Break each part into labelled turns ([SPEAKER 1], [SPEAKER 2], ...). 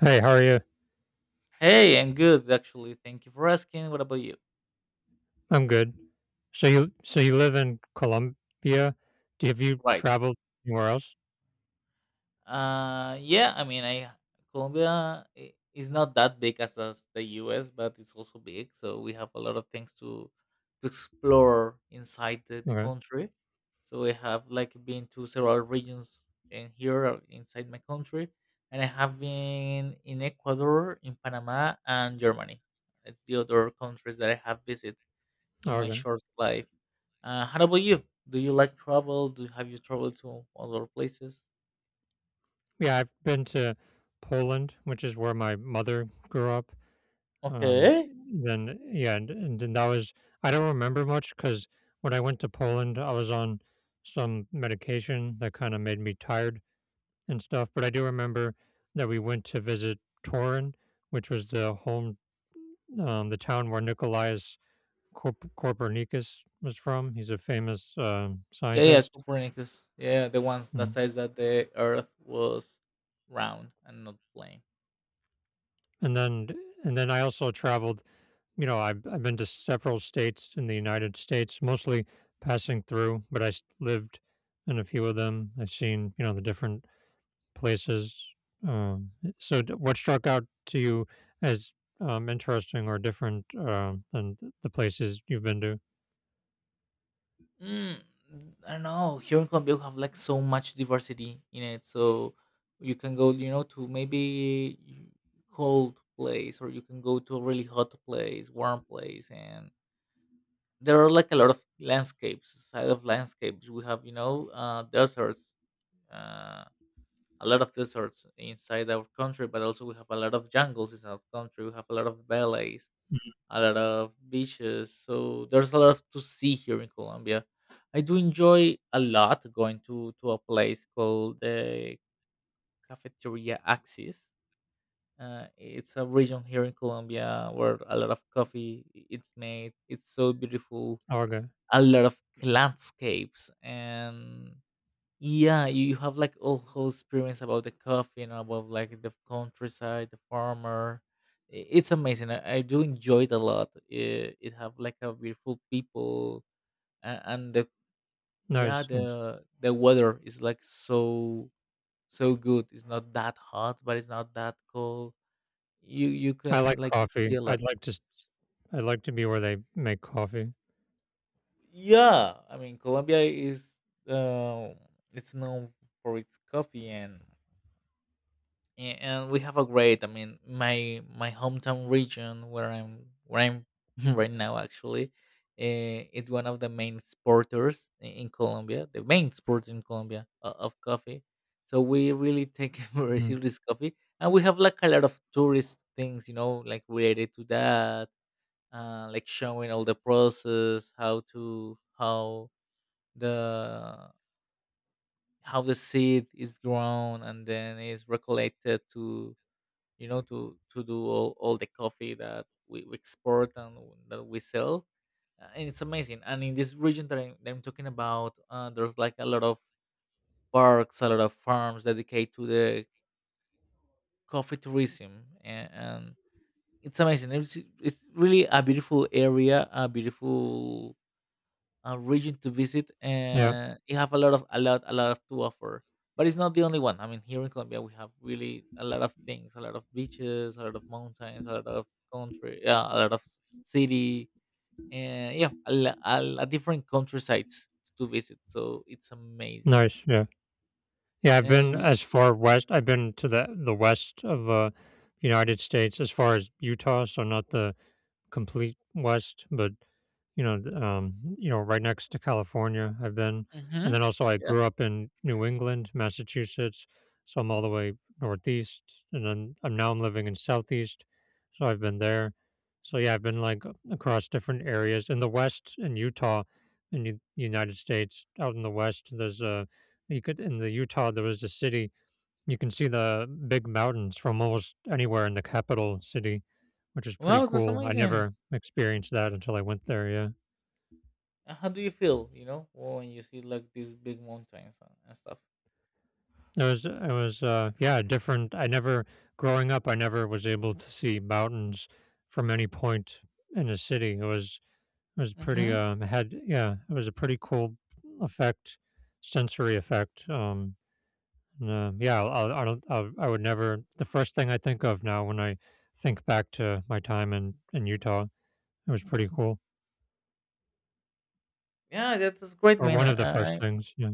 [SPEAKER 1] Hey, how are you?
[SPEAKER 2] Hey, I'm good actually. Thank you for asking. What about you?
[SPEAKER 1] I'm good. So you live in Colombia? Do have you
[SPEAKER 2] Right.
[SPEAKER 1] traveled anywhere else?
[SPEAKER 2] Yeah, I mean, I Colombia is not that big as the U.S., but it's also big, so we have a lot of things to explore inside the
[SPEAKER 1] Okay.
[SPEAKER 2] country. So we have like been to several regions in here inside my country, and I have been in Ecuador, in Panama, and Germany. It's the other countries that I have visited in
[SPEAKER 1] Oh,
[SPEAKER 2] my
[SPEAKER 1] okay.
[SPEAKER 2] short life. How about you? Do you like travel? Do have you traveled to other places?
[SPEAKER 1] Yeah, I've been to Poland, which is where my mother grew up. Um,
[SPEAKER 2] Okay.
[SPEAKER 1] then and then that was, I don't remember much because when I went to Poland, I was on some medication that kind of made me tired and stuff. But I do remember that we went to visit Torun, which was the home, the town where Nikolai Copernicus was from. He's a famous
[SPEAKER 2] Yeah, yeah,
[SPEAKER 1] scientist,
[SPEAKER 2] Copernicus. Yeah, the ones that
[SPEAKER 1] and
[SPEAKER 2] says that the Earth was round and not plane.
[SPEAKER 1] and then and then I also traveled. You know, I've been to several states in the United States, mostly passing through, but lived in a few of them. I've seen, you know, the different places. Um, so, what struck out to you as interesting or different than the places you've been to?
[SPEAKER 2] Mm, I don't know. Here in Colombia, we have like so much diversity in it. So you can go, you know, to maybe cold place, or you can go to a really hot place, warm place, and there are like a lot of landscapes, side of landscapes. We have, you know, deserts. Uh, a lot of deserts inside our country, but also we have a lot of jungles in our country. We have a lot of valleys,
[SPEAKER 1] Mm.
[SPEAKER 2] a lot of beaches. So there's a lot to see here in Colombia. I do enjoy a lot going to a place called the Cafeteria Axis. It's a region here in Colombia where a lot of coffee it's made. It's so beautiful.
[SPEAKER 1] Oh, okay,
[SPEAKER 2] A lot of landscapes and yeah, you have like all whole experience about the coffee and about like the countryside, the farmer. It's amazing. I do enjoy it a lot. It have like a beautiful people and the yeah,
[SPEAKER 1] nice. Nice.
[SPEAKER 2] the weather is like so so good. It's not that hot, but it's not that cold. You
[SPEAKER 1] I
[SPEAKER 2] can
[SPEAKER 1] like
[SPEAKER 2] like
[SPEAKER 1] coffee.
[SPEAKER 2] see a lot.
[SPEAKER 1] I'd like to s I'd like to be where they make coffee.
[SPEAKER 2] Yeah, I mean Colombia is um it's known for its coffee and and we have a great, I mean my hometown region where I'm right now actually. It's one of the main exporters in Colombia, the main sport in Colombia of coffee, so we really take very
[SPEAKER 1] Mhm.
[SPEAKER 2] serious coffee, and we have like a lot of tourist things, you know, like related to that. Like showing all the process, how to the how the seed is grown and then is recollected to, you know, to do all the coffee that we export and that we sell. And it's amazing, and in this region that I'm talking about, there's like a lot of parks, a lot of farms dedicated to the coffee tourism, and it's amazing. It's really a beautiful area, a beautiful region to visit,
[SPEAKER 1] Yeah,
[SPEAKER 2] and it have a lot of, a lot, a lot of to offer. But it's not the only one. I mean, here in Colombia, we have really a lot of things: a lot of beaches, a lot of mountains, a lot of country, yeah, a lot of city, and yeah, a different country sites to visit. So it's amazing.
[SPEAKER 1] nice, yeah. Yeah, I've
[SPEAKER 2] And
[SPEAKER 1] been
[SPEAKER 2] y-
[SPEAKER 1] as far west, I've been to the west of, United States as far as Utah, so not the complete west, but you know, th you know, right next to California, I've been, and
[SPEAKER 2] Mhm.
[SPEAKER 1] then also I
[SPEAKER 2] Yeah,
[SPEAKER 1] grew up in New England, Massachusetts, so I'm all the way northeast, and then I'm now I'm living in southeast, so I've been there. So yeah, I've been like across different areas in the West, in Utah, in the United States, out in the West. There's a you could in the Utah there was a city, you can see the big mountains from almost anywhere in the capital city, which is pretty
[SPEAKER 2] wow, that's
[SPEAKER 1] cool. I
[SPEAKER 2] amazing.
[SPEAKER 1] never experienced that until I went there. Yeah.
[SPEAKER 2] And how do you feel, you know, when you see like these big mountains and stuff.
[SPEAKER 1] It was yeah, different. I never growing up I never was able to see mountains from any point in a city. It was pretty
[SPEAKER 2] Mm-hmm.
[SPEAKER 1] had yeah, it was a pretty cool effect, sensory effect. And, yeah, I'll, I don't I'll, I would never the first thing I think of now when I think back to my time in Utah, it was pretty cool.
[SPEAKER 2] Yeah, that's great,
[SPEAKER 1] Or
[SPEAKER 2] man.
[SPEAKER 1] one of the first
[SPEAKER 2] I,
[SPEAKER 1] things, yeah.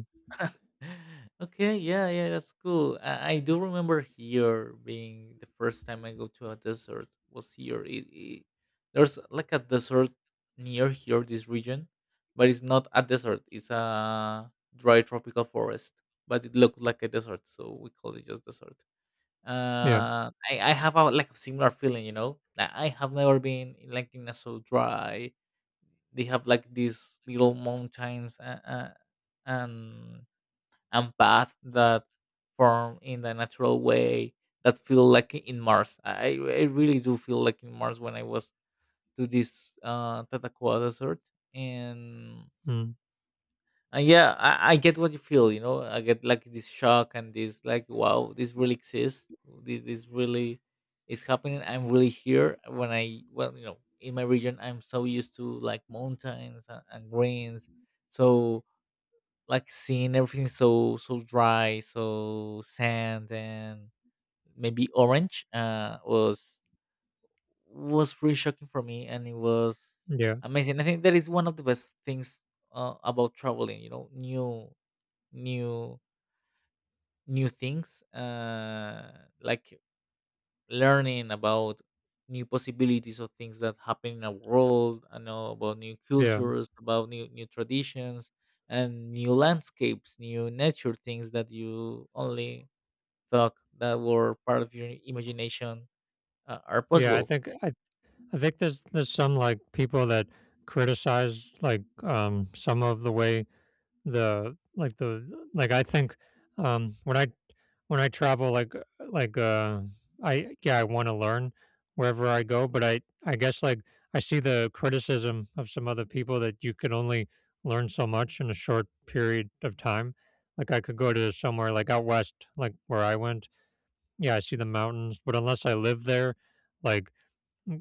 [SPEAKER 2] okay, yeah, yeah, that's cool. I do remember here being the first time I go to a desert was here. It there's like a desert near here, this region, but it's not a desert. It's a dry tropical forest, but it looked like a desert, so we call it just desert.
[SPEAKER 1] Yeah.
[SPEAKER 2] I have a like a similar feeling, you know. I have never been in, like in a so dry. They have like these little mountains and and paths that form in the natural way that feel like in Mars. I really do feel like in Mars when I was to this Tatacoa desert. And,
[SPEAKER 1] Mm.
[SPEAKER 2] and yeah, I get what you feel, you know, I get like this shock and this like, wow, this really exists. This really is happening. I'm really here when well, you know, in my region, I'm so used to like mountains and greens. So like seeing everything so so dry, so sand and maybe orange was really shocking for me, and it was
[SPEAKER 1] Yeah.
[SPEAKER 2] amazing. I think that is one of the best things about traveling, you know, new new things like learning about new possibilities of things that happen in the world. I know about new
[SPEAKER 1] Yeah.
[SPEAKER 2] cultures, about new traditions, and new landscapes, new nature things that you only thought that were part of your imagination are
[SPEAKER 1] Yeah. I
[SPEAKER 2] possible.
[SPEAKER 1] think I I think there's some like people that criticize like some of the way the like I think um when I when I travel like I yeah I want to learn wherever I go, but I guess like I see the criticism of some other people that you can only learn so much in a short period of time. Like I could go to somewhere like out west, like where I went, yeah I see the mountains but unless I live there, like,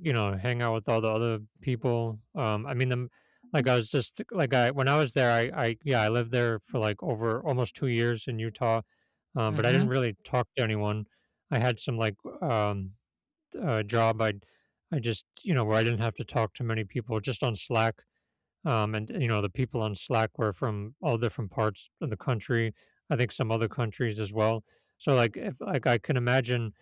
[SPEAKER 1] you know, hang out with all the other people. I mean, the, like I was just like I when I was there, I yeah, I lived there for like over almost 2 years in Utah, but I didn't
[SPEAKER 2] Hmm.
[SPEAKER 1] really talk to anyone. I had some like um, job I just, you know, where I didn't have to talk to many people, just on Slack. And you know the people on Slack were from all different parts of the country. I think some other countries as well. So like if like I can imagine,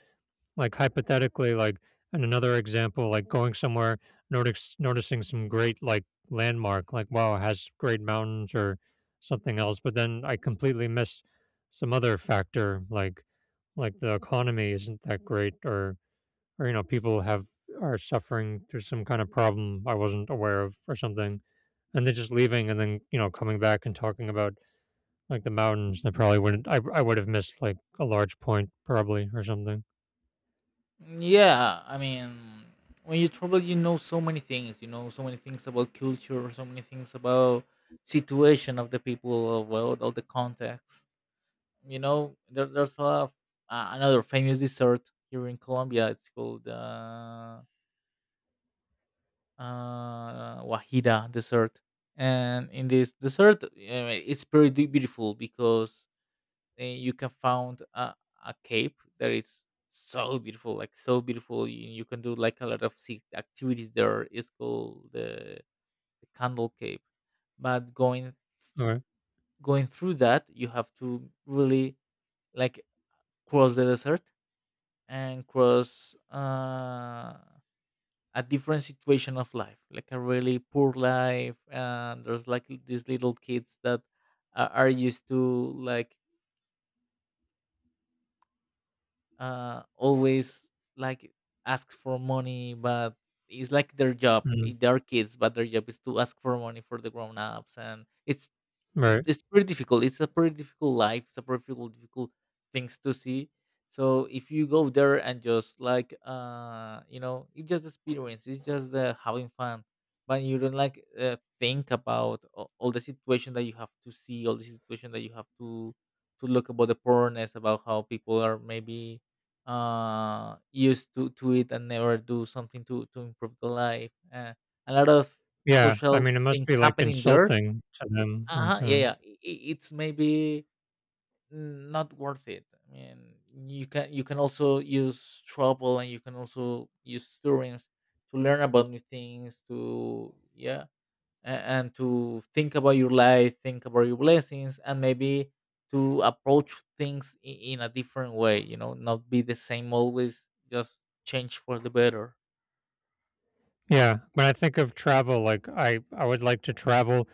[SPEAKER 1] like, hypothetically, like, and another example, like going somewhere, notice noticing some great like landmark, like wow, it has great mountains or something else, but then I completely miss some other factor, like the economy isn't that great, or you know, people have are suffering through some kind of problem I wasn't aware of or something, and then just leaving and then you know coming back and talking about like the mountains, that probably wouldn't I would have missed like a large point probably or something.
[SPEAKER 2] Yeah, I mean, when you travel, you know so many things. You know so many things about culture, so many things about situation of the people, about all the context. You know there's a another famous dessert here in Colombia. It's called wajida dessert, and in this dessert, it's pretty beautiful because you can find a cape that is so beautiful, like so beautiful. You can do like a lot of activities there. It's called the candle cape. But
[SPEAKER 1] Okay.
[SPEAKER 2] going through that, you have to really like cross the desert and cross a different situation of life, like a really poor life. And there's like these little kids that are used to like always like ask for money, but it's like their job. They are kids, but their job is to ask for money for the grown ups, and
[SPEAKER 1] Right.
[SPEAKER 2] it's pretty difficult. It's a pretty difficult life. It's a pretty difficult, difficult things to see. So if you go there and just like you know, it's just experience. It's just the having fun, but you don't like, think about all the situation that you have to see, all the situation that you have to look about the poorness, about how people are maybe used to it and never do something to improve the life. A lot of
[SPEAKER 1] Yeah, I
[SPEAKER 2] social
[SPEAKER 1] mean, it must
[SPEAKER 2] things
[SPEAKER 1] be, like,
[SPEAKER 2] happening there.
[SPEAKER 1] insulting to them,
[SPEAKER 2] Uh-huh,
[SPEAKER 1] like,
[SPEAKER 2] yeah, yeah, it's maybe not worth it. I mean, you can also use trouble, and you can also use students to learn about new things to, yeah, and to think about your life, think about your blessings, and maybe to approach things in a different way, you know, not be the same always, just change for the better.
[SPEAKER 1] yeah, when I think of travel, like, I would like to travel,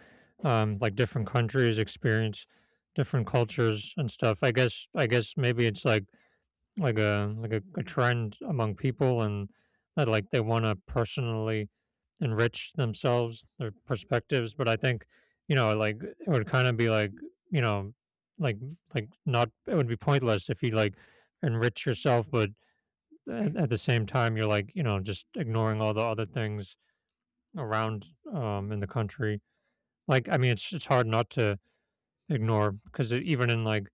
[SPEAKER 1] like, different countries, experience different cultures and stuff. I guess maybe it's like a like a trend among people and that, like, they wanna personally enrich themselves, their perspectives, but I think, you know, like, it would kinda be like, you know, like like, not it would be pointless if you, like, enrich yourself, but at the same time you're like you know just ignoring all the other things around in the country, like I mean it's hard not to ignore, because even in like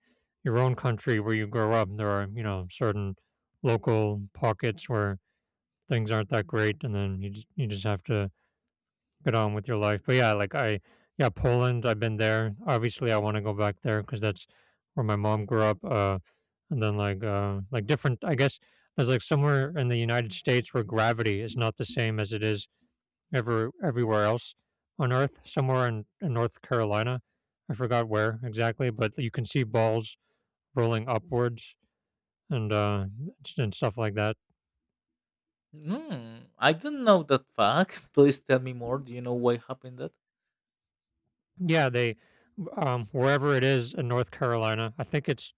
[SPEAKER 1] your own country where you grow up there are you know certain local pockets where things aren't that great, and then you just have to get on with your life. But yeah, like I, yeah, Poland, I've been there. Obviously, I want to go back there because that's where my mom grew up. And then like different, I guess there's like somewhere in the United States where gravity is not the same as it is everywhere else on Earth. Somewhere in North Carolina, I forgot where exactly, but you can see balls rolling upwards and uh and stuff like that.
[SPEAKER 2] Hmm, I don't know that fact. Please tell me more. Do you know why happened that?
[SPEAKER 1] Yeah, they wherever it is in North Carolina, I think it's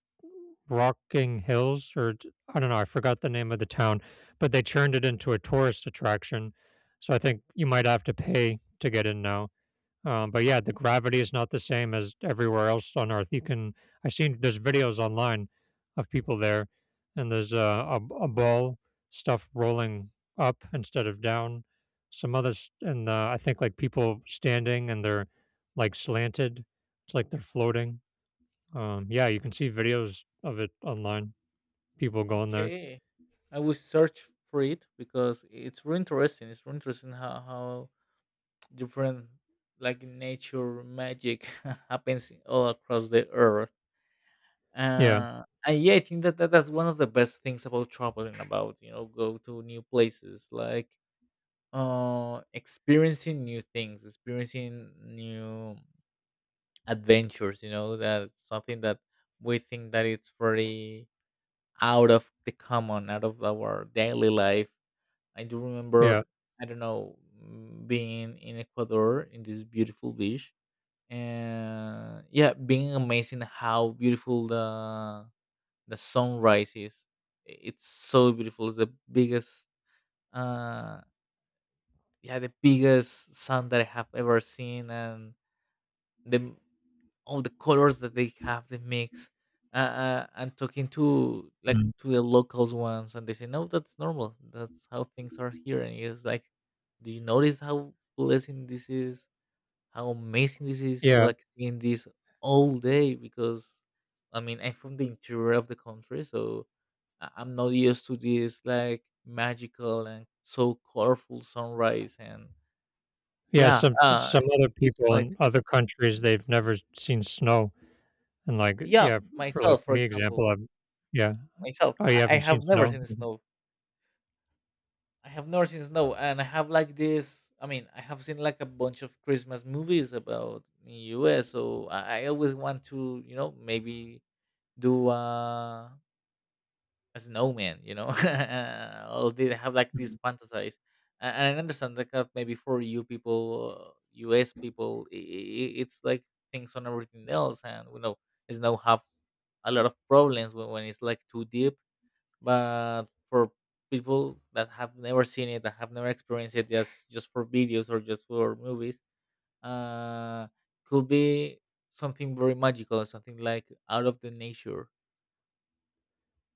[SPEAKER 1] Rocking Hills or I don't know, I forgot the name of the town, but they turned it into a tourist attraction. So I think you might have to pay to get in now. But yeah, the gravity is not the same as everywhere else on Earth. You can I've seen there's videos online of people there, and there's a ball stuff rolling up instead of down. Some others, and I think like people standing and they're like slanted. It's like they're floating. Yeah, you can see videos of it online. People going there.
[SPEAKER 2] Okay, I will search for it because it's really interesting. It's really interesting how different, like, nature magic happens all across the earth.
[SPEAKER 1] Yeah,
[SPEAKER 2] And yeah, I think that, that that's one of the best things about traveling. About, you know, go to new places, like experiencing new things, experiencing new adventures. You know, that's something that we think that it's very out of the common, out of our daily life. I do remember,
[SPEAKER 1] yeah,
[SPEAKER 2] I don't know, mm, being in Ecuador in this beautiful beach, and yeah, being amazing how beautiful the sunrise is. It's so beautiful. It's the biggest, uh, yeah, the biggest sun that I have ever seen, and the all the colors that they have the mix. And talking to like
[SPEAKER 1] mm,
[SPEAKER 2] to the locals ones, and they say, no, that's normal, that's how things are here. And it's like, do you notice how blessing this is, how amazing this is, see,
[SPEAKER 1] yeah,
[SPEAKER 2] like, seeing this all day? Because I mean, I'm from the interior of the country, so I'm not used to this like magical and so colorful sunrise and
[SPEAKER 1] yeah.
[SPEAKER 2] yeah,
[SPEAKER 1] Some some other
[SPEAKER 2] it's
[SPEAKER 1] people
[SPEAKER 2] like
[SPEAKER 1] in other countries they've never seen snow. And, like,
[SPEAKER 2] yeah,
[SPEAKER 1] yeah, for, like,
[SPEAKER 2] myself, for
[SPEAKER 1] me
[SPEAKER 2] example,
[SPEAKER 1] example, I'm yeah.
[SPEAKER 2] myself.
[SPEAKER 1] Oh, you
[SPEAKER 2] I
[SPEAKER 1] haven't seen
[SPEAKER 2] have never
[SPEAKER 1] snow?
[SPEAKER 2] seen
[SPEAKER 1] Mhm,
[SPEAKER 2] snow. I have never seen snow, and I have like this. I mean, I have seen like a bunch of Christmas movies about in U.S. So I always want to, you know, maybe do a snowman. You know, or they have like these
[SPEAKER 1] mhm.
[SPEAKER 2] fantasies, and I understand that kind of maybe for you people, U.S. people, it's like things on everything else, and we know snow have a lot of problems when it's like too deep, but for people that have never seen it, that have never experienced it, just for videos or just for movies, uh could be something very magical, something like out of the nature.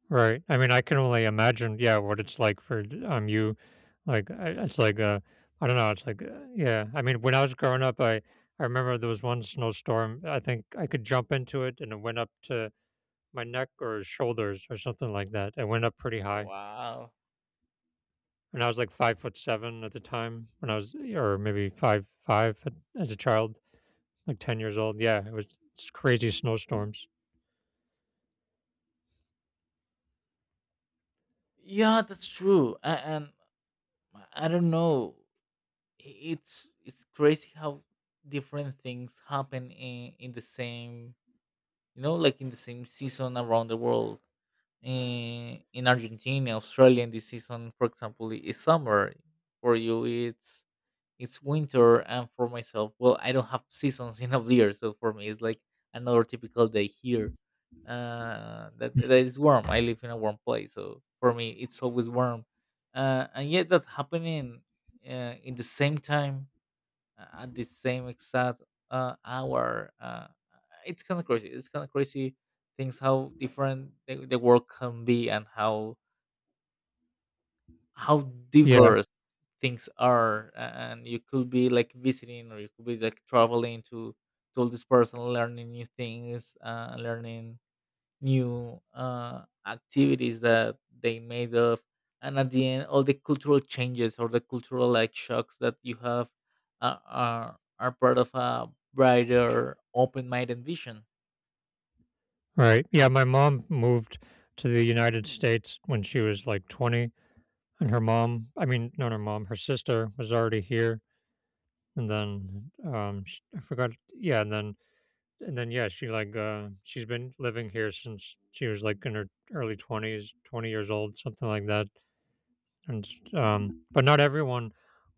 [SPEAKER 1] Right. I mean, I can only imagine, yeah, what it's like for d you. Like, I it's like, I don't know, it's like, yeah. I mean, when I was growing up, I remember there was one snowstorm, I think I could jump into it, and it went up to my neck or shoulders or something like that. It went up pretty high,
[SPEAKER 2] Wow,
[SPEAKER 1] and I was, like, 5 foot seven at the time when I was or maybe five five at as a child. Like 10 years old. Yeah, it was s crazy snowstorms.
[SPEAKER 2] yeah, that's true. And I don't know, it's crazy how different things happen in the same, you know, like in the same season around the world. In Argentina, Australia in this season, for example, is summer. For you, it's winter, and for myself, well, I don't have seasons in of the year, so for me, it's like another typical day here. That is warm. I live in a warm place, so for me, it's always warm. And yet that's happening in the same time at the same exact hour. It's kind of crazy. It's kind of crazy things how different the world can be and how how
[SPEAKER 1] Yeah,
[SPEAKER 2] diverse things are. And you could be like visiting or you could be like traveling to all this person, learning new things, learning new activities that they made of, and at the end all the cultural changes or the cultural like shocks that you have are part of a brighter, open-minded vision.
[SPEAKER 1] right. Yeah, my mom moved to the United States when she was, like, 20, and her mom I mean, not her mom, her sister was already here, and then, sh I forgot yeah, and then, yeah, she, like, she's been living here since she was, like, in her early 20s, 20 years old, something like that, and but not everyone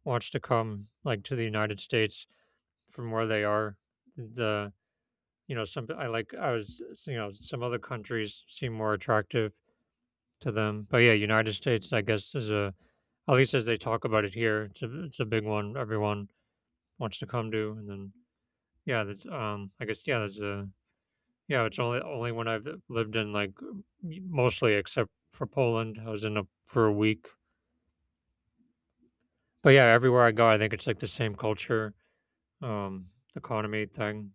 [SPEAKER 1] wants to come, like, to the United States from where they are. The you know, some I like I was you know, some other countries seem more attractive to them. But yeah, United States I guess is a at least as they talk about it here, it's a big one everyone wants to come to, and then yeah, that's I guess yeah, there's a yeah, it's only when I've lived in like mostly except for Poland. I was in a for a week. But yeah, everywhere I go I think it's like the same culture, um, economy thing.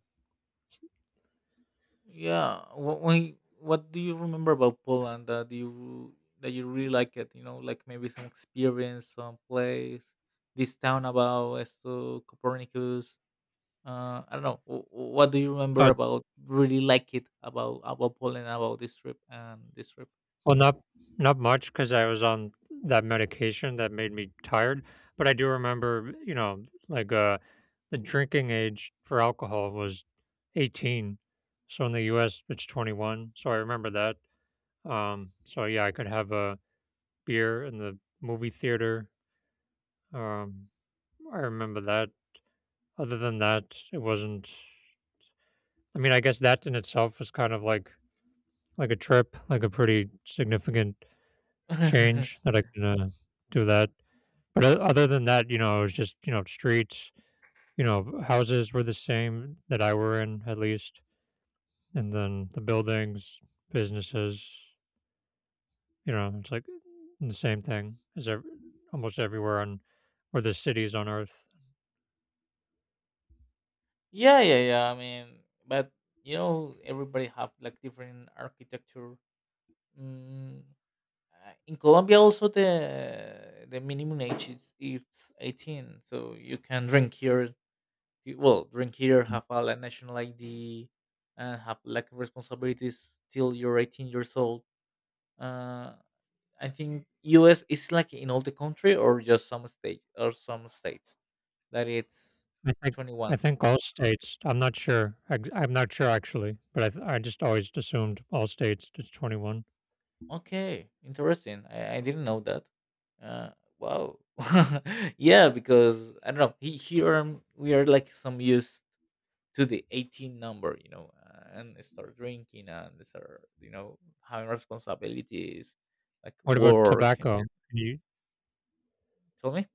[SPEAKER 2] Yeah, what do you remember about Poland that you really like it, like maybe some experience, some place, this town about esto Copernicus? I don't know. What do you
[SPEAKER 1] Oh,
[SPEAKER 2] remember about really like it about Poland, about this trip?
[SPEAKER 1] well, not not much because I was on that medication that made me tired. But I do remember, you know, like the drinking age for alcohol was 18. So in the U.S., it's 21. So I remember that. So yeah, I could have a beer in the movie theater. Um, I remember that. Other than that, it wasn't. I mean, I guess that in itself was kind of like a trip, like a pretty significant change that I can do that. But other than that, you know, it was just, you know, streets, you know, houses were the same that I were in at least. And then the buildings, businesses, you know, it's like mm, the same thing as almost everywhere on or the cities on earth.
[SPEAKER 2] Yeah, yeah, yeah. I mean, but everybody have like different architecture. Mm, in Colombia, also the minimum age is it's 18, so you can drink here. Well, drink here, have a like, national ID, and have like responsibilities till you're 18 years old. Uh, I think US is like in all the country or just some state or some states that it's
[SPEAKER 1] I think I
[SPEAKER 2] 21.
[SPEAKER 1] think all states. I'm not sure. I'm not sure actually, but I just always assumed all states it's 21.
[SPEAKER 2] Okay, interesting. I didn't know that. Uh, wow. Yeah, because I don't know. Here, we are like some used to the 18 number, and start drinking and start, having responsibilities like
[SPEAKER 1] What about
[SPEAKER 2] work. And
[SPEAKER 1] tobacco? Can you
[SPEAKER 2] tell me,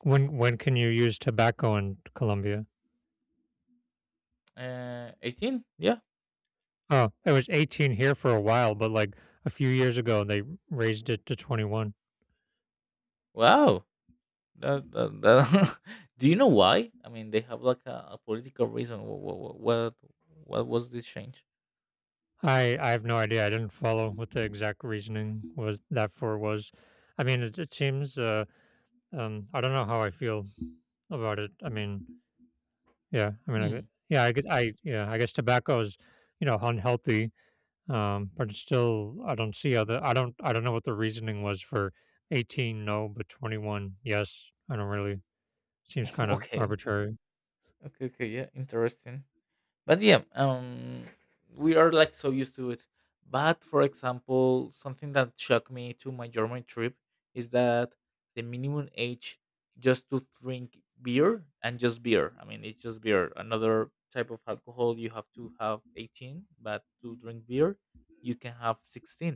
[SPEAKER 1] when can you use tobacco in Colombia?
[SPEAKER 2] 18? Yeah.
[SPEAKER 1] Oh, it was 18 here for a while, but like a few years ago they raised it to 21.
[SPEAKER 2] Wow. That do you know why? I mean, they have like a political reason. What was this change?
[SPEAKER 1] I have no idea. I didn't follow what the exact reasoning was that for was. I mean, it seems. I don't know how I feel about it. I mean, yeah. I mean, I, gue-
[SPEAKER 2] Hmm.
[SPEAKER 1] yeah. I guess I yeah. I guess tobacco is, unhealthy. But it's still, I don't see other. I don't. I don't know what the reasoning was for 18. No, but 21. Yes. I don't really. Seems kind of
[SPEAKER 2] Okay,
[SPEAKER 1] arbitrary.
[SPEAKER 2] okay, okay. Yeah, interesting. But yeah, we are like so used to it, but for example, something that shocked me to my German trip is that the minimum age, just to drink beer — and just beer, I mean, it's just beer, another type of alcohol, you have to have 18, but to drink beer you can have 16.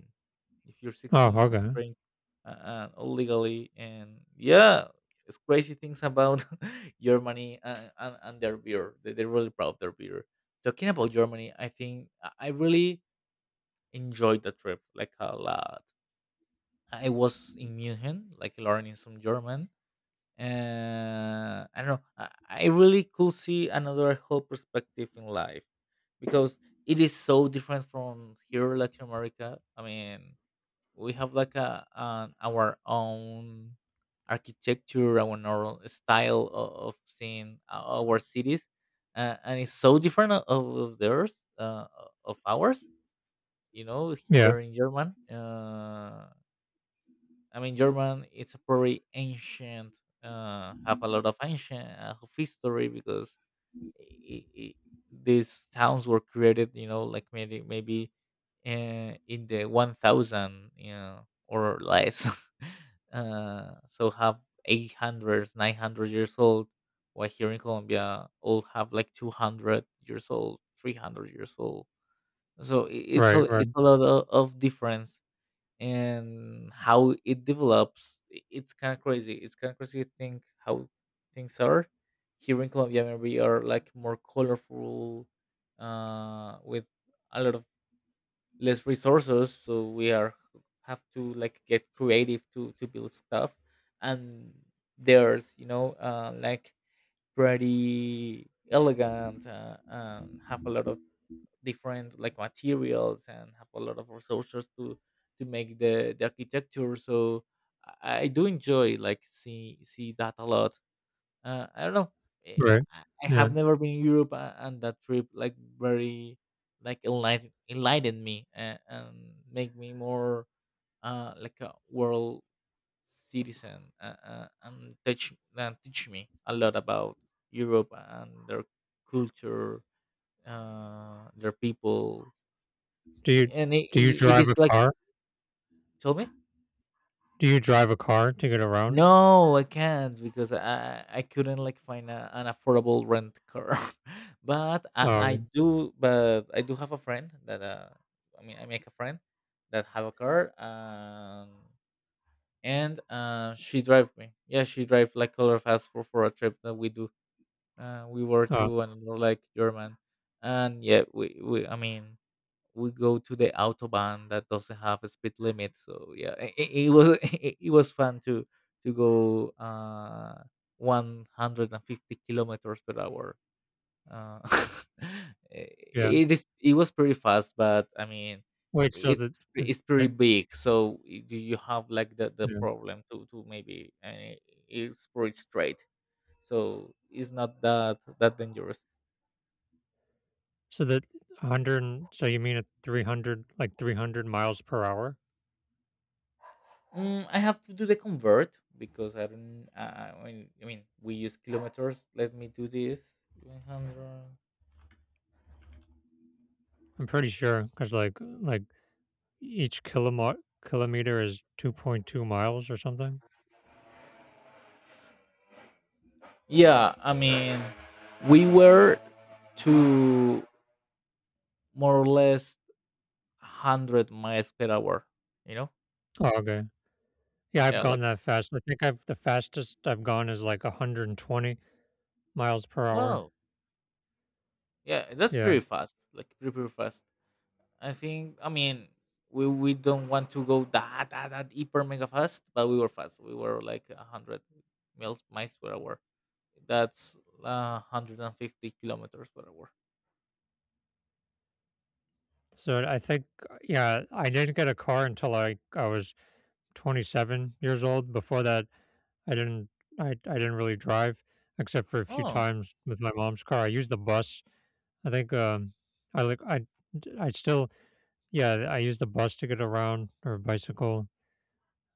[SPEAKER 2] If you're
[SPEAKER 1] Oh,
[SPEAKER 2] 16, you can
[SPEAKER 1] okay.
[SPEAKER 2] drink, legally. And yeah, it's crazy things about Germany and their beer. They're really proud of their beer. Talking about Germany, I think I really enjoyed the trip like a lot. I was in Munich, like learning some German. I don't know. I really could see another whole perspective in life, because it is so different from here, Latin America. I mean, we have like our own architecture, our own style of seeing our cities, and it's so different of theirs, of ours. You know, h-
[SPEAKER 1] Yeah.
[SPEAKER 2] they're in German. I mean, German. It's a very ancient. Have a lot of ancient of history, because i- i- these towns were created, like maybe in the 1000, or less so have 800, 900 years old, while here in Colombia all have like 200 years old, 300 years old. So
[SPEAKER 1] Right. Right.
[SPEAKER 2] it's a lot of difference. And how it develops, it's kind of crazy. It's kind of crazy to think how things are. Here in Colombia, maybe are like more colorful, with a lot of less resources, so we are have to like get creative to build stuff, and there's, like pretty elegant, and have a lot of different like materials and have a lot of resources to make the architecture. So I do enjoy like see that a lot. I don't know. eh,
[SPEAKER 1] Right.
[SPEAKER 2] I
[SPEAKER 1] Yeah.
[SPEAKER 2] have never been in Europe, and that trip like very like enlightened me, and make me more, like a world citizen, and teach me a lot about Europe and their culture, their people.
[SPEAKER 1] Do
[SPEAKER 2] I-
[SPEAKER 1] you
[SPEAKER 2] and it,
[SPEAKER 1] do you
[SPEAKER 2] it it
[SPEAKER 1] drive
[SPEAKER 2] is
[SPEAKER 1] a
[SPEAKER 2] like
[SPEAKER 1] car?
[SPEAKER 2] told me
[SPEAKER 1] Do you drive a car to get around?
[SPEAKER 2] no, I can't, because I couldn't like find an affordable rent car. But I
[SPEAKER 1] Um,
[SPEAKER 2] do, but I do have a friend that I mean I make a friend that have a car, and she drive me, yeah, she drive like color fast for a trip that we do. We were
[SPEAKER 1] oh,
[SPEAKER 2] to another like German, and yeah, we I mean we go to the autobahn, that doesn't have a speed limit. So yeah, it was it was fun to go, 150 kilometers per hour. uh,
[SPEAKER 1] yeah.
[SPEAKER 2] it was pretty fast, but I mean
[SPEAKER 1] Wait, so
[SPEAKER 2] it's
[SPEAKER 1] that is
[SPEAKER 2] it's pretty
[SPEAKER 1] that
[SPEAKER 2] big, so do you have like the
[SPEAKER 1] yeah.
[SPEAKER 2] problem to maybe, it's pretty straight, so it's not that dangerous.
[SPEAKER 1] So that 100, and so you mean at 300, like 300 miles per hour?
[SPEAKER 2] I have to do the convert because I don't. I mean, we use kilometers. Let me do this. 100.
[SPEAKER 1] I'm pretty sure because like, each kilomot kilometer is 2.2 miles or something?
[SPEAKER 2] Yeah, I mean, we were to more or less 100 miles per hour. You know,
[SPEAKER 1] Oh, okay. Yeah, I've
[SPEAKER 2] yeah,
[SPEAKER 1] gone
[SPEAKER 2] like
[SPEAKER 1] that fast. I think I've The fastest I've gone is, like, 120 miles per hour.
[SPEAKER 2] wow, yeah, that's
[SPEAKER 1] Yeah.
[SPEAKER 2] pretty fast. Like pretty fast. I think. I mean, we don't want to go that hyper mega fast, but we were fast. We were like 100 miles per hour. That's 150 kilometers per hour.
[SPEAKER 1] So, I think yeah, I didn't get a car until, I was 27 years old. Before that, I didn't I didn't really drive except for a few
[SPEAKER 2] Oh,
[SPEAKER 1] times with my mom's car. I used the bus. I think I like I still Yeah, I used the bus to get around or bicycle.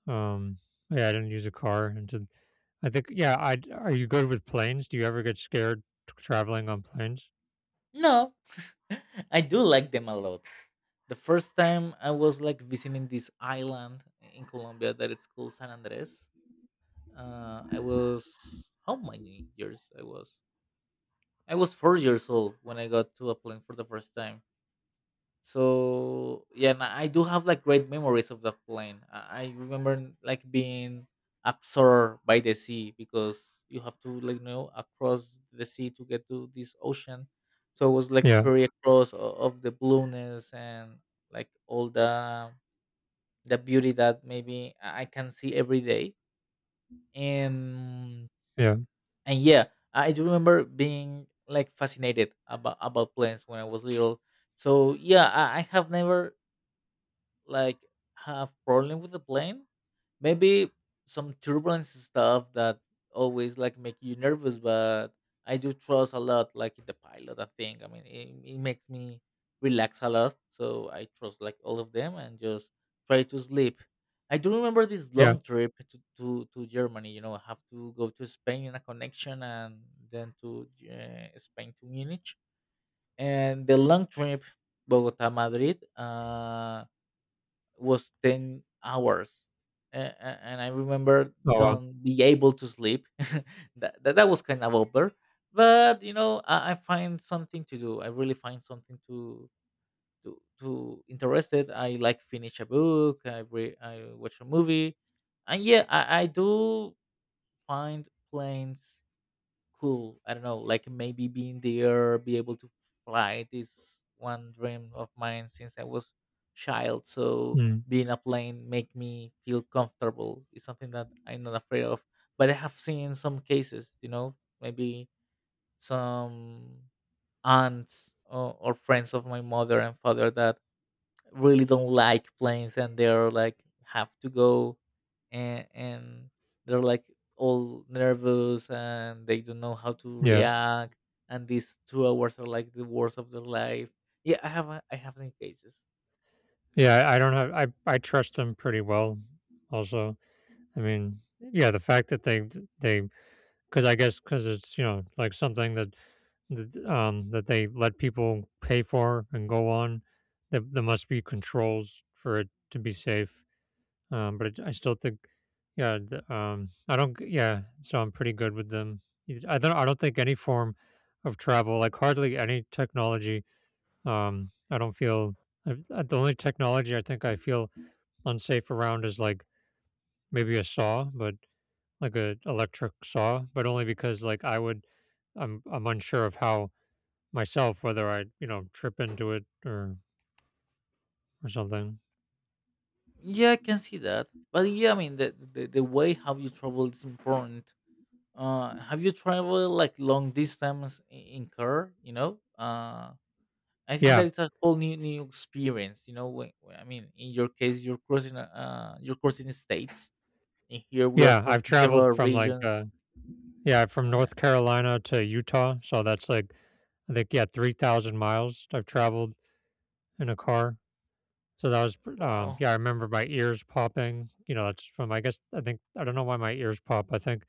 [SPEAKER 1] Um yeah, I didn't use a car and to, I think yeah, I are you good with planes? Do you ever get scared traveling on planes?
[SPEAKER 2] no. I do like them a lot. The first time I was like visiting this island in Colombia that it's called San Andres. I was how many years I was? I was 4 years old when I got to a plane for the first time. So yeah, and I do have like great memories of that plane. I remember like being absorbed by the sea, because you have to like, across the sea to get to this ocean. So it was like
[SPEAKER 1] Yeah.
[SPEAKER 2] pretty across of the blueness and like all the beauty that maybe I can see every day. And
[SPEAKER 1] Yeah.
[SPEAKER 2] and yeah, I do remember being like fascinated about planes when I was little. So yeah, I have never like have problem with the plane, maybe some turbulence stuff that always like make you nervous. But I do trust a lot like in the pilot, I think, I mean, it makes me relax a lot, so I trust like all of them and just try to sleep. I do remember this
[SPEAKER 1] Yeah.
[SPEAKER 2] long trip to, Germany, I have to go to Spain in a connection, and then to, Spain to Munich. And the long trip Bogota Madrid, was 10 hours, and I remember
[SPEAKER 1] Oh, wow.
[SPEAKER 2] don't be able to sleep. That was kind of over, but I find something to do. I really find something to to interested. I like finish a book, I watch a movie. And yeah, I do find planes cool. I don't know, like maybe being there, be able to fly. This one dream of mine since I was child. So
[SPEAKER 1] Mm,
[SPEAKER 2] being a plane make me feel comfortable. It's something that I'm not afraid of. But I have seen some cases, maybe some aunts, or friends of my mother and father, that really don't like planes, and they're like have to go, and they're like all nervous, and they don't know how to
[SPEAKER 1] yeah.
[SPEAKER 2] react, and these 2 hours are like the worst of their life. Yeah, I have seen cases.
[SPEAKER 1] Yeah, I don't have I trust them pretty well also. I mean, yeah, the fact that they 'cause I guess because it's, you know, like something that that they let people pay for and go on. There must be controls for it to be safe, but it I still think yeah, the, I don't g yeah, so I'm pretty good with them. It I don't think any form of travel, like hardly any technology, I don't feel uh, the only technology I think I feel unsafe around is, like, maybe a saw, but like a electric saw, but only because like I would I'm unsure of how myself whether I, you know, trip into it or something.
[SPEAKER 2] Yeah, I can see that. But yeah, I mean, the way how you travel is important. Have you traveled like long distance, in car, I think
[SPEAKER 1] Yeah.
[SPEAKER 2] that it's a whole new experience. I mean, in your case, you're crossing states, and here we are
[SPEAKER 1] Yeah, I've
[SPEAKER 2] crossing
[SPEAKER 1] traveled
[SPEAKER 2] several
[SPEAKER 1] from
[SPEAKER 2] regions.
[SPEAKER 1] yeah, from North Carolina to Utah, so that's like I think yeah, 3,000 miles I've traveled in a car. So that was
[SPEAKER 2] Wow.
[SPEAKER 1] yeah, I remember my ears popping. You know, that's from I don't know why my ears pop. I think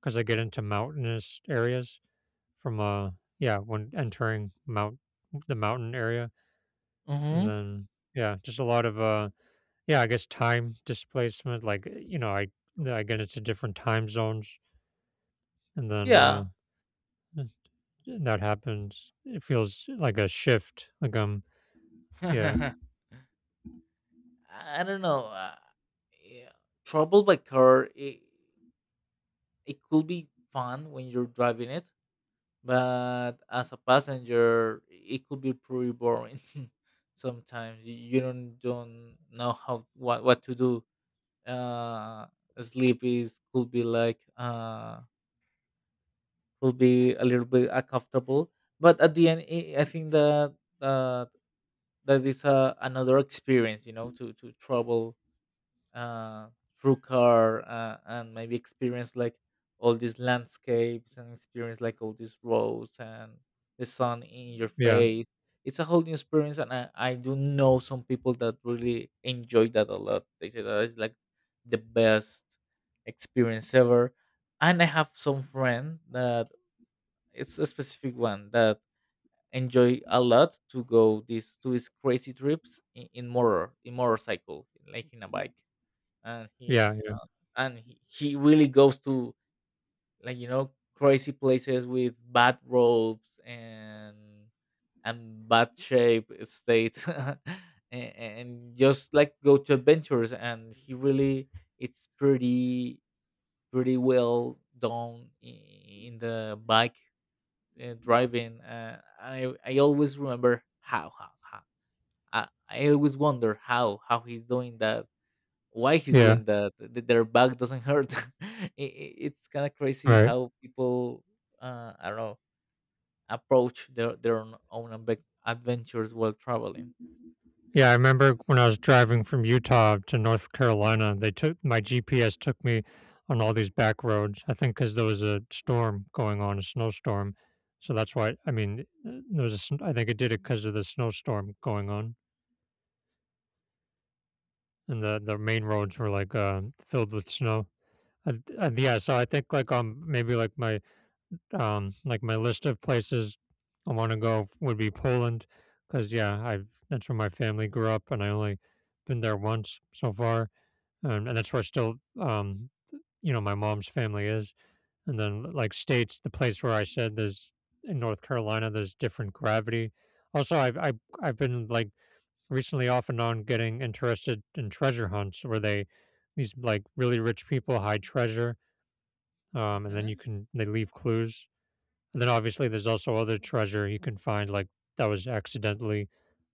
[SPEAKER 1] because I get into mountainous areas. From Yeah, when entering mount the mountain area, and
[SPEAKER 2] Mm-hmm.
[SPEAKER 1] then yeah, just a lot of yeah, I guess time displacement like you know, I get into different time zones, and then
[SPEAKER 2] Yeah.
[SPEAKER 1] that happens. It feels like a shift like yeah,
[SPEAKER 2] I don't know. Yeah. Travel by car, it could be fun when you're driving it, but as a passenger, it could be pretty boring. Sometimes you don't know how what to do. uh Sleep is could be like, could be a little bit uncomfortable. But at the end, I think uh, that is, another experience, to travel uh, through car, and maybe experience like all these landscapes, and experience like all these roads, and the sun in your
[SPEAKER 1] yeah,
[SPEAKER 2] face. It's a whole new experience, and I do know some people that really enjoy that a lot. They say that it's like the best experience ever. And I have some friend that it's a specific one that enjoy a lot to go these to these crazy trips in motorcycle, like in a bike and
[SPEAKER 1] yeah,
[SPEAKER 2] he really goes to like crazy places with bad robes and bad shape states and just like go to adventures and he really it's pretty well done in the bike, driving. I always remember how I always wonder how he's doing that, why he's
[SPEAKER 1] yeah, yeah.
[SPEAKER 2] doing that, that their back doesn't hurt. It's kind of crazy
[SPEAKER 1] Right.
[SPEAKER 2] how people, I don't know, approach their own adventures while traveling.
[SPEAKER 1] Yeah, I remember when I was driving from Utah to North Carolina, they took my GPS took me on all these back roads. I think because there was a storm going on, a snowstorm. So that's why, I mean, there was a sn- I think it did it because of the snowstorm going on, and the main roads were like filled with snow. Yeah, so I think like maybe like my list of places I want to go would be Poland, because yeah, I've that's where my family grew up, and I only been there once so far. And that's where still, you know, my mom's family is. And then, like states, the place where I said there's in North Carolina, there's different gravity. Also, I've been like recently off and on getting interested in treasure hunts where they these like really rich people hide treasure, and then you
[SPEAKER 2] hmm
[SPEAKER 1] can they leave clues. And then obviously there's also other treasure you can find like that was accidentally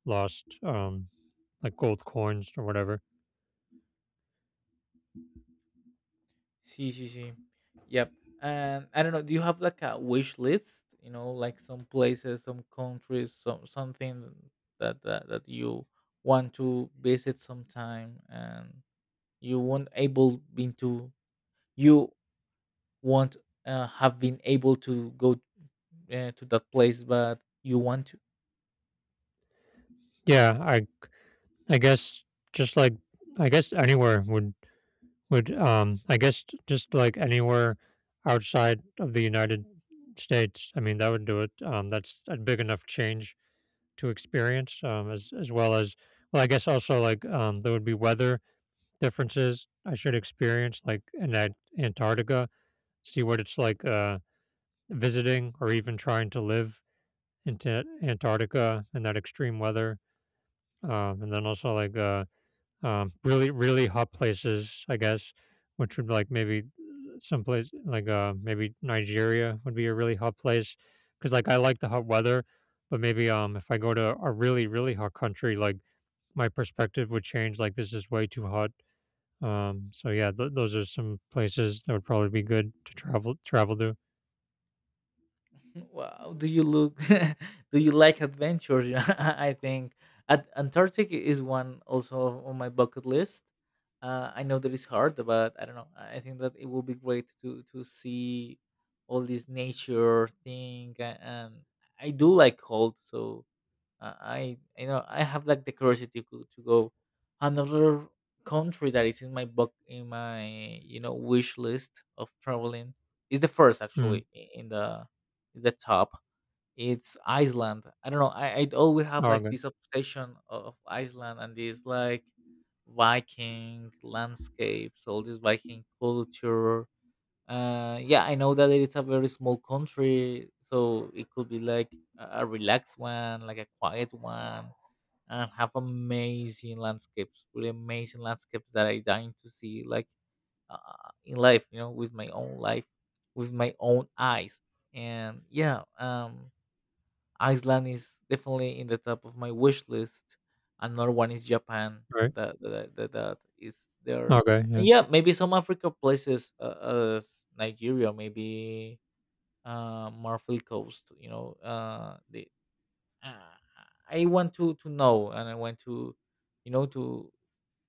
[SPEAKER 1] lost, like gold coins or whatever.
[SPEAKER 2] see. Yep. And I don't know, do you have like a wish list, like some places, some countries, some something that that you want to visit sometime? And you won't able been to, you won't, have been able to go, to that place, but you want to.
[SPEAKER 1] Yeah, I I guess just like I guess anywhere would I guess j- just like anywhere outside of the United States. I mean that would do it. That's a big enough change to experience as well as well. I guess also like there would be weather differences I should experience like in that Antarctica, see what it's like visiting or even trying to live into Antarctica in that extreme weather. And then also really, really hot places, I guess, which would like maybe someplace like maybe Nigeria would be a really hot place, because like I like the hot weather, but maybe if I go to a really really hot country, like my perspective would change. Like this is way too hot. So yeah, those are some places that would probably be good to travel to.
[SPEAKER 2] Wow, do you look? Do you like adventures? I think Antarctic is one also on my bucket list. I know that it's hard, but I don't know, I think that it will be great to see all this nature thing and I do like cold. So I know I have like the curiosity to, to go another country that is in my book, in my, you know, wish list of traveling, is the first,
[SPEAKER 1] Mm.
[SPEAKER 2] actually, in the top. It's Iceland. I don't know. I I'd always have
[SPEAKER 1] Oh,
[SPEAKER 2] like
[SPEAKER 1] okay.
[SPEAKER 2] this obsession of Iceland and this like Viking landscapes, all this Viking culture. Yeah, I know that it's a very small country, so it could be like a relaxed one, like a quiet one, and have amazing landscapes, really amazing landscapes that I dying to see, like, in life, you know, with my own life, with my own eyes. And yeah, Iceland is definitely in the top of my wish list. Another one is Japan.
[SPEAKER 1] Right.
[SPEAKER 2] That is there.
[SPEAKER 1] Okay. Yeah.
[SPEAKER 2] And yeah, maybe some Africa places, as Nigeria, maybe, Marfil Coast. You know, the, uh, I want to know, and I want to, you know,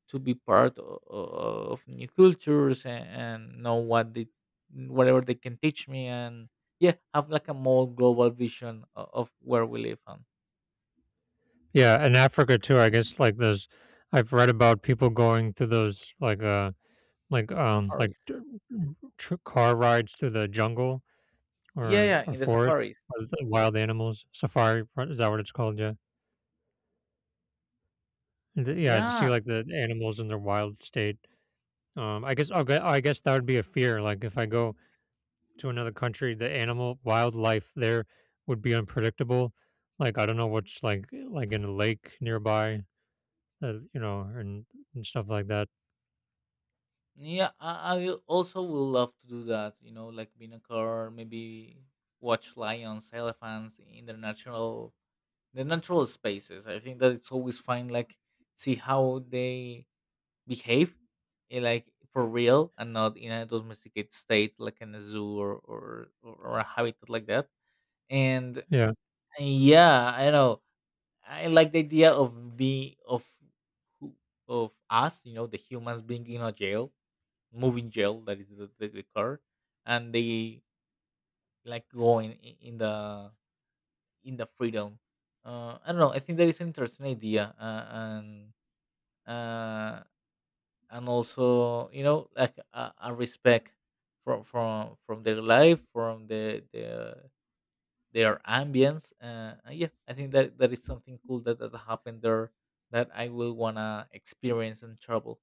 [SPEAKER 2] to be part of new cultures, and know what they whatever they can teach me. And yeah, have like a more global vision of where we live, huh?
[SPEAKER 1] Yeah, in Africa too, I guess like those I've read about people going through those like um like
[SPEAKER 2] Safaris.
[SPEAKER 1] d- car rides through the jungle
[SPEAKER 2] Yeah, yeah,
[SPEAKER 1] or
[SPEAKER 2] in the
[SPEAKER 1] forest
[SPEAKER 2] safaris.
[SPEAKER 1] or the wild animals is that what it's called? Yeah. Yeah, to see
[SPEAKER 2] Yeah,
[SPEAKER 1] like the animals in their wild state. I guess okay, I guess that would be a fear, like if I go to another country the animal wildlife there would be unpredictable, like I don't know what's like in a lake nearby, you know, and stuff like that.
[SPEAKER 2] yeah. Also will love to do that. You know, like be in a car, maybe watch lions, elephants in their natural, the natural spaces. I think that it's always fun. Like see how they behave, eh, like for real, and not in a domesticated state, like in a zoo or a habitat like that. And
[SPEAKER 1] Yeah.
[SPEAKER 2] yeah, I know I like the idea of being of who of us, you know, the humans being in a jail, moving jail that is the car, and they like going in the freedom. I don't know. I think that is an interesting idea, uh, and also, you know, like a respect from their life, from the their ambience. And yeah, I think that that is something cool that that happened there that I will wanna experience and travel.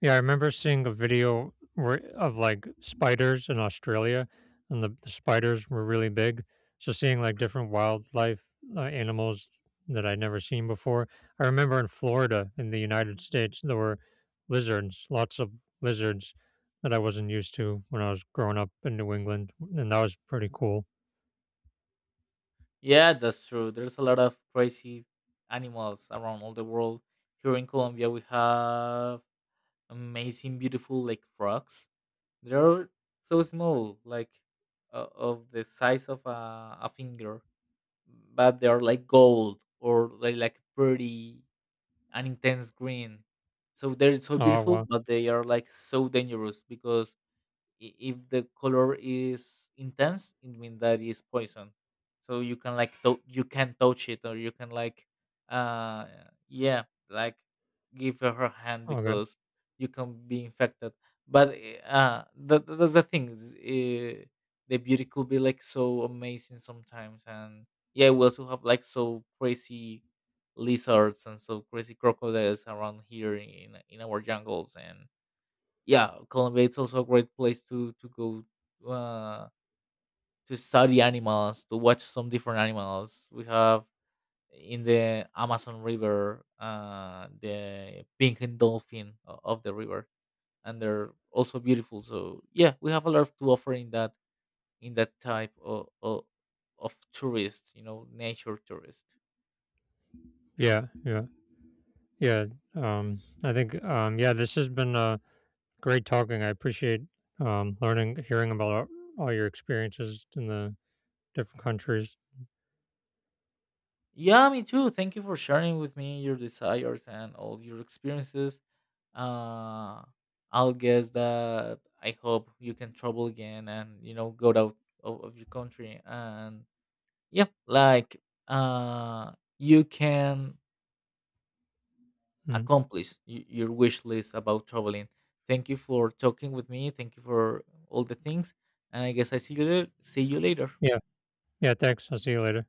[SPEAKER 1] Yeah, I remember seeing a video where of like spiders in Australia, and the spiders were really big. So seeing like different wildlife animals that I'd never seen before. I remember in Florida, in the United States, there were lizards, lots of lizards, that I wasn't used to when I was growing up in New England, and that was pretty cool.
[SPEAKER 2] Yeah, that's true. There's a lot of crazy animals around all the world. Here in Colombia, we have amazing, beautiful like frogs. They're so small, like, of the size of a finger, but they are like gold, or they like pretty, an intense green. So they're so
[SPEAKER 1] Oh
[SPEAKER 2] beautiful,
[SPEAKER 1] wow,
[SPEAKER 2] but they are like so dangerous because if the color is intense, it means that it's poison, so you can like you can touch it, or you can like, uh yeah, like give her her hand,
[SPEAKER 1] okay,
[SPEAKER 2] because you can be infected. But eh, that, that's the thing is, eh, the beauty could be like so amazing sometimes. And yeah, we also have like so crazy lizards and so crazy crocodiles around here in our jungles. And yeah, Colombia it's also a great place to go, uh, to study animals, to watch some different animals. We have in the Amazon River, the pink and dolphin o- of the river, and they're also beautiful. So yeah, we have a lot to offer in that, in that type of tourist, you know, nature tourist.
[SPEAKER 1] yeah, yeah, yeah. I think yeah, this has been great talking. I appreciate learning, hearing about all your experiences in the different countries.
[SPEAKER 2] Yeah, me too. Thank you for sharing with me your desires and all your experiences. uh, I'll guess that I hope you can travel again, and you know, go out of your country, and yeah, like, uh, you can
[SPEAKER 1] Mm.
[SPEAKER 2] accomplish your wish list about traveling. Thank you for talking with me. Thank you for all the things, and I guess I see you later. See you later.
[SPEAKER 1] Yeah. Yeah. Thanks. I'll see you later.